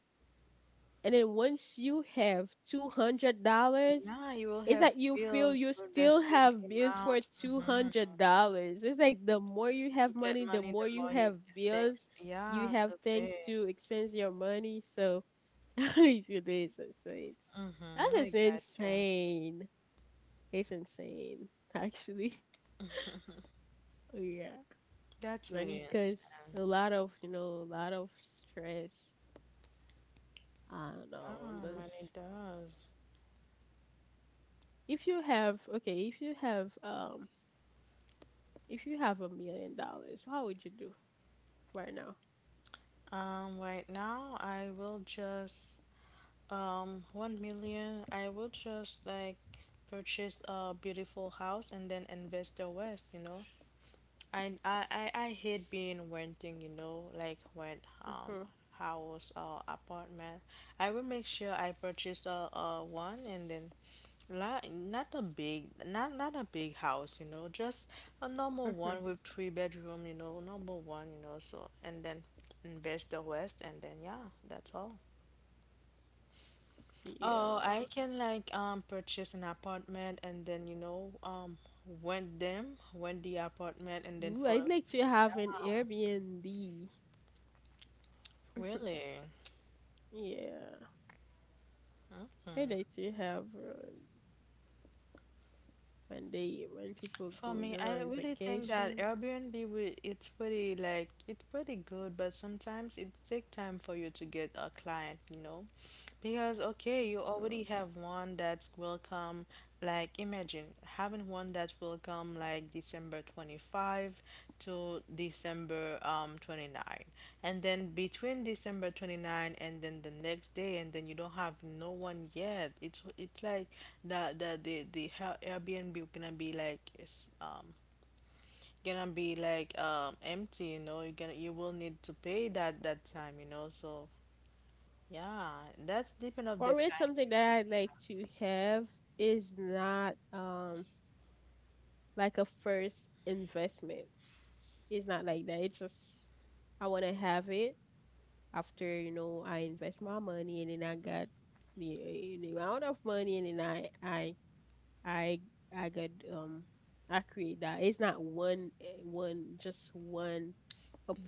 And then once you have $200, Yeah, you will it's have like you feel bills you for the still same have bills for amount. two Hmm. hundred dollars It's like the more you have You get money, the money more the you more you have have bills. things. You Yeah, have to things pay. to expense your money, so *laughs* how you do this? So it's that Mm-hmm, I is got you. insane. It's insane, actually. *laughs* Yeah. That's really Money, because insane. a lot of, a lot of stress. I don't Yeah, know. money This, does. if you have, okay, if you have $1 million, how would you do right now? Right now I will just 1 million. I will just like purchase a beautiful house and then invest the rest. I hate being renting, like rent Hmm. house or apartment. I will make sure I purchase a one and then la not a big house, just a normal Hmm. one with three bedroom, normal one, so and then invest the rest and then yeah, that's all. Oh, Yeah. I can like purchase an apartment and then rent the apartment and then Ooh, for I'd the like to have an Airbnb. *laughs* really. Yeah. I'd like to have when people For go, me, you know, I on really think that vacation. Airbnb it's pretty good, but sometimes it take time for you to get a client, because okay, you Hmm. already have one that's welcome. Like imagine having one that will come like December 25 to December 29 and then between December 29 and then the next day and then you don't have no one yet it's like the Airbnb gonna be like it's gonna be like empty, you will need to pay that time, so yeah, that's depend of For the me, client something you will. that I'd like to have is not like a first investment. It's not like that. It's just I want to have it after I invest my money, and then I got the amount of money, and then I I got I create that. It's not one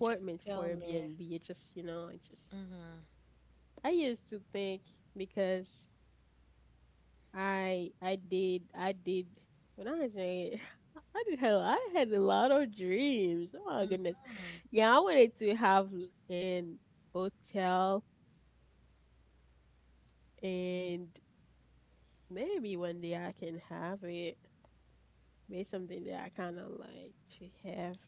J- for Tell me. Airbnb. It's just. Mm-hmm. I used to think, because I did when I was saying, *laughs* I did, hell, I had a lot of dreams. Oh my Mm-hmm. goodness. Yeah, I wanted to have an hotel, and maybe one day I can have it. Maybe something that I kinda like to have.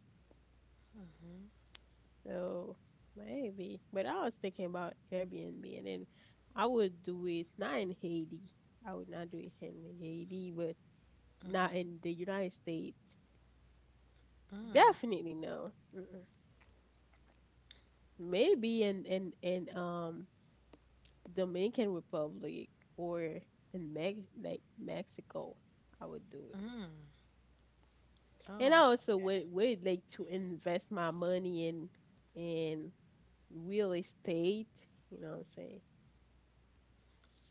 So maybe. But I was thinking about Airbnb, and then I would do it not in Haiti. I would not do it in Haiti, but not Mm-hmm. in the United States. Mm. Definitely no. Mm-mm. Maybe in Dominican Republic, or in Mex like Mexico, I would do it. And I Oh. also Okay. would like to invest my money in in real estate. You know what I'm saying?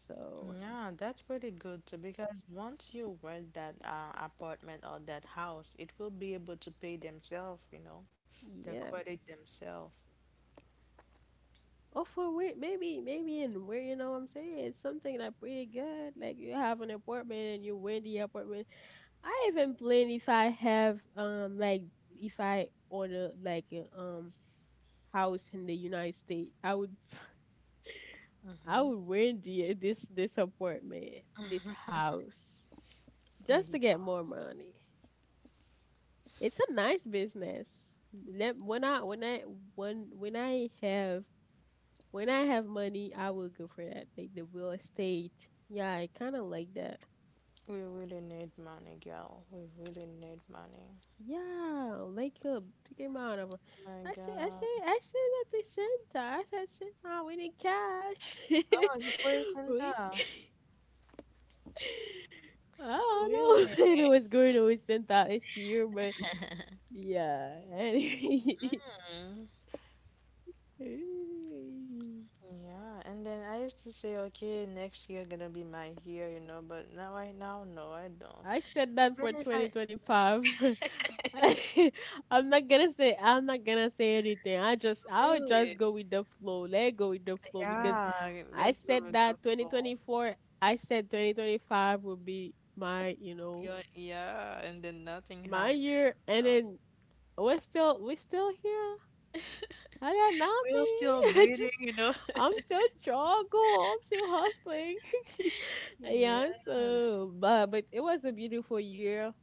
So Yeah, that's pretty good too, because once you rent that apartment or that house, it will be able to pay themselves, the yeah. credit themselves. Oh, for where, maybe in where, you know what I'm saying, it's something like pretty good. Like you have an apartment and you rent the apartment. I even plan, if I have like, if I order like a house in the United States, I would *laughs* I would Mm-hmm. rent the, this apartment, this house, just Yeah. to get more money. It's a nice business. Let when I when I when when I have when I have money, I will go for that, like the real estate. Yeah, I kind of like that. We really need money, girl. We really need money. Yeah, wake up. Take him out of. Oh my God. I said that to Santa. I said, Santa, we need cash. Oh, you *laughs* poisoned We. *laughs* her. I don't Really? know. *laughs* It was going to with Santa this year, but yeah. Anyway. Mm. *laughs* Yeah, and then I used to say, okay, next year gonna be my year, but now I now no, I don't. I said that for Even if I 2025. *laughs* *laughs* I'm not gonna say anything. *laughs* I'll just really. go with the flow. Let go with the flow, because Yeah, *laughs* I that's said that beautiful. 2024, I said 2025 would be my, you know, Yeah, yeah, and then nothing my happened. year, and then we're still here. I got We are still nothing. *laughs* Waiting, you know. *laughs* I'm still struggle. I'm still hustling. *laughs* Yeah, Yeah, so but it was a beautiful year.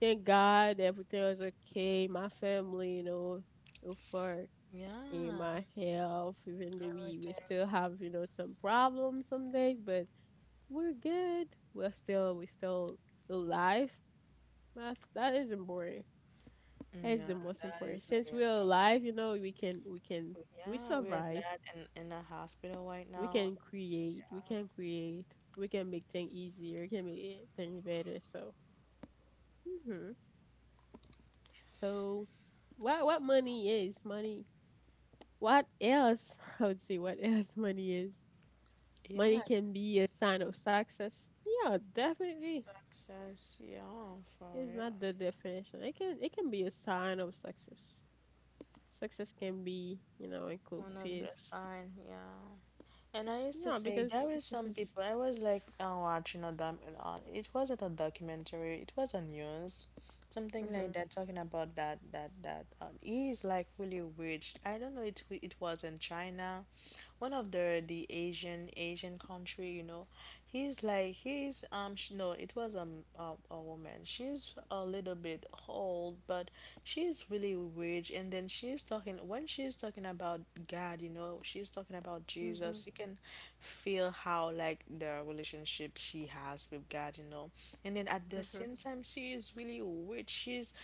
Thank God everything was okay. My family, you know, so far in yeah, my health, even though we everything. still have, you know, some problems some days, but we're good. We're still alive. That isn't boring. That's Yeah, the most that important. is Since really we're important. alive, you know, we can we Yeah, we are survive. not in a hospital right We now. can create. We can create. We can make things easier. We can make things better. So, hmm so what money is money? What else? *laughs* I would say what else money is. Money Yeah, can be a sign of success. Yeah, definitely. success. Yeah, for It's real. not the definition. It can be a sign of success. Success can be, include One of the peace. sign. Yeah. And I used to Yeah, say because there were success some is. people. I was like watching a doc. It wasn't a documentary. It was a news, something like Mhm. that, talking about that. He is like really rich. I don't know. It it was in China, one of the Asian country. He's like no. It was a woman. She's a little bit old, but she's really language and then she's talking when she's talking about God, she's talking about Mhm. Jesus. You can feel how like the relationship she has with God. And then at the Mhm. same time she is really rich. She's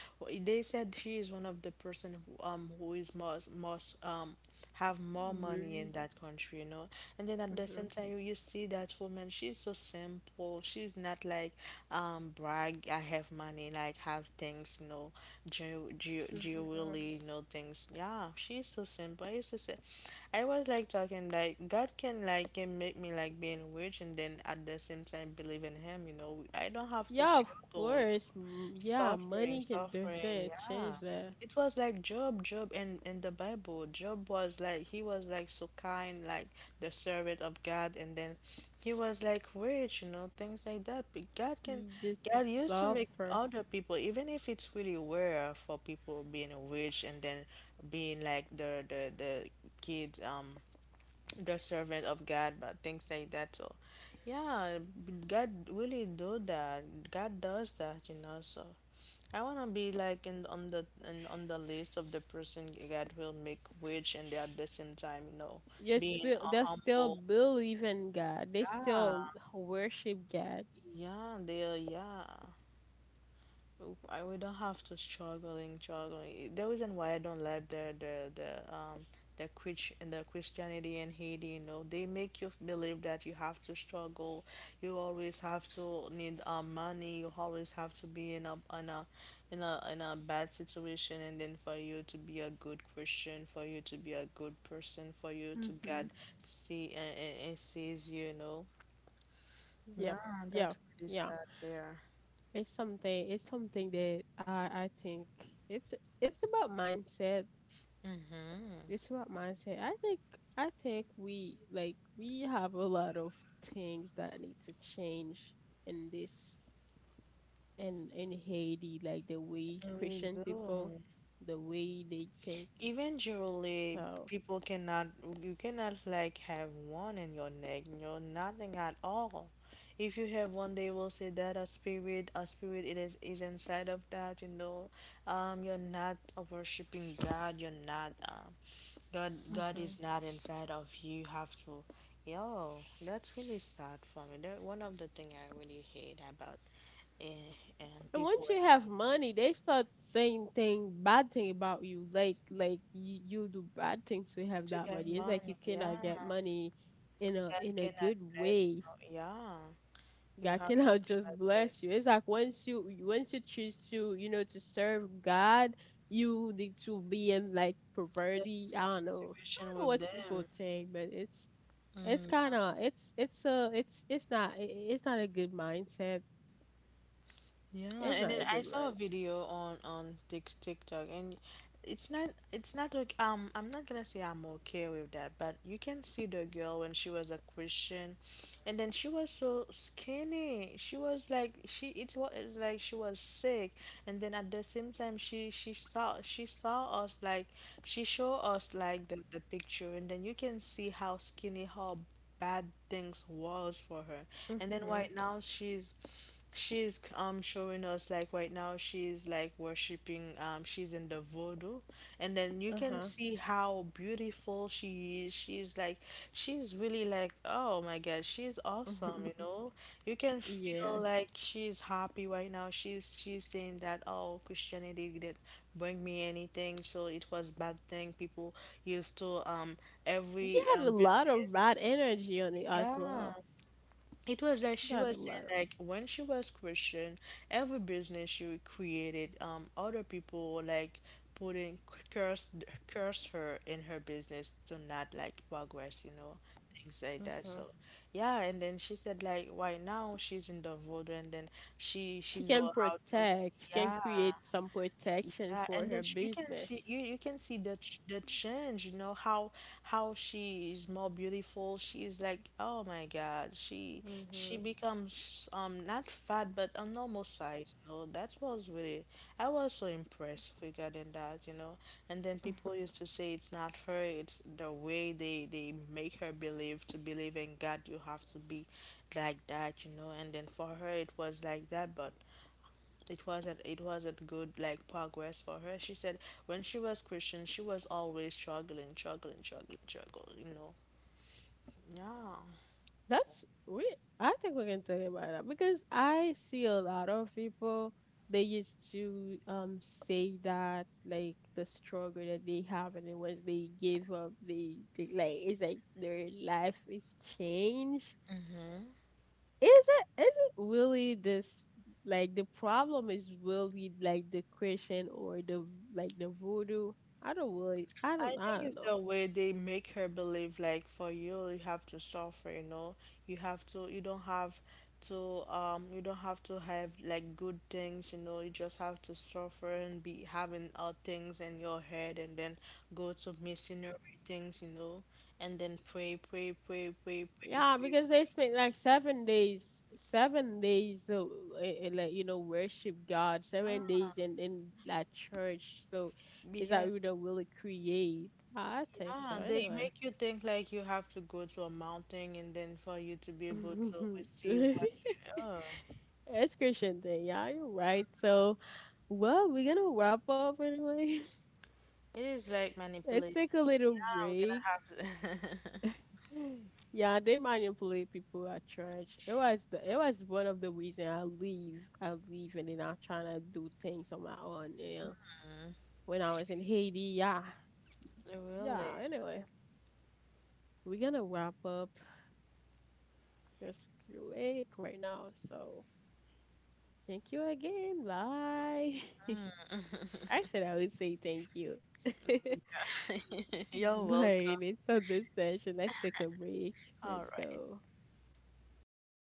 they said she is one of the person who who is most have more money Worry. in that country. And then at the same Mhm. time, you see that woman, she's so simple. She's not like, brag, I have money, like have things, jewelry, you Mhm. really know, things. Yeah, she's so simple. I used to say, I was like talking like God can make me like being rich and then at the same time believe in Him. I don't have to Yeah, of struggle. course. Yeah, Suffering, money can do suffering, shit, yeah. change that. It was like Job, Job in the Bible. Job was like he was like so kind, like the servant of God, and then he was like rich, things like that. But God can, You God just used to make suffer. other people, even if it's really rare for people being rich and then being like the kids, the servant of God, but things like that. So, yeah, God really do that. God does that. So. I wanna be like on the list of the person God will make rich and at the same time, Yes, being they still humble. believe in God. They Yeah, still worship God. yeah, they are. Yeah, I we don't have to struggling struggling. The reason why I don't like the Christianity in Haiti, they make you believe that you have to struggle. You always have to need money. You always have to be in a bad situation, and then for you to be a good Christian, for you to be a good person, for you to God Mhm. see and sees you, you know. Yep. Yeah, Yeah. that's really Yeah. sad there. It's something. It's something that I think it's it's about mindset. It's about mindset. I think we, we have a lot of things that need to change in this in Haiti, like the way We Christian people, do. the way they think. Eventually, So, people cannot, you cannot like have one in your neck, nothing at all. If you have one, they will say that a spirit is inside of that, you know. You're not worshiping God, you're not, God hmm is not inside of you. You have to, yo, that's really sad for me. That one of the thing I really hate about, eh, and and once people you and have hate money, they start saying thing bad thing about you, like like you do bad things to have to that have money. It's like money, you yeah. cannot get money in a That in a can good address way. you. Yeah, you God have to cannot *laughs* do just that thing. bless you. It's like once you choose to serve God, you need to be in, like, The poverty. I same don't know. I situation don't know with what people them. think, but it's Mm. kind of it's not a good mindset. Yeah, It's and not then a I good saw a mindset. video on TikTok, and it's not okay. I'm not gonna say I'm okay with that, but you can see the girl when she was a Christian, and then she was so skinny. She was like, she it was it's like she was sick, and then at the same time she showed us like the picture, and then you can see how skinny how bad things was for her and then Mhm. right now she's showing us like right now she's like worshiping she's in the voodoo and then you Uh can huh. see how beautiful she is. She's really like oh my God, she's awesome, you *laughs* know? You can feel Yeah. like she's happy right now. She's saying that oh Christianity didn't bring me anything, so it was bad thing. People used to You every had a lot of business. bad energy on it as Yeah. well. It was like You she got a was lot of. saying like when she was Christian, every business she created, other people like putting curse curse her in her business to not like progress, things like that. Mm-hmm. So yeah, and then she said like why now she's in the voodoo and then she She can know how to protect, she can yeah create some protection yeah, for and then her you can see business. The change, how she is more beautiful. She is like, oh my God, she Mm-hmm. becomes not fat but a normal size. That was really I was so impressed regarding that. And then people used to say it's not her, it's the way they make her believe to believe in God, you have to be like that. And then for her it was like that, but it wasn't good like progress for her. She said when she was Christian, she was always struggling, struggling, struggling, struggling. You know. Yeah. That's we I think we can talk about that, because I see a lot of people they used to say that, like, the struggle that they have, and it was, they gave up, they like it's like their life is changed. Is it really this, like, the problem is really like the Christian, or the, like, the voodoo? I don't really I I think it's don't know. the way they make her believe like for you have to suffer, you know. You don't have to have like good things, you just have to suffer and be having all things in your head and then go to missionary things, and then pray, pray, pray, pray, pray, Yeah, pray, because they spent like 7 days, 7 days, so, like, worship God, pray. 7 days in that church. So, is that Because, we don't really create? I think so. yeah, they Anyway, make you think like you have to go to a mountain and then for you to be able to *laughs* so, receive what you, *laughs* oh, it's Christian thing. Yeah, you're right. yeah. So, well, we're gonna wrap up anyway. *laughs* It is like Let's manipulation. take a little Yeah, we're break. gonna have *laughs* Yeah, they manipulate people at church. It was one of the reason I leave. I leave, and then I'm trying to do things on my own. Yeah. When I was in Haiti, yeah. Yeah. Really? Anyway, we're gonna wrap up. Just do it right now. So thank you again. Bye. *laughs* I said I would say thank you. *laughs* *laughs* You're welcome. Bye. It's on this session. Let's take a break. All Let's right. go.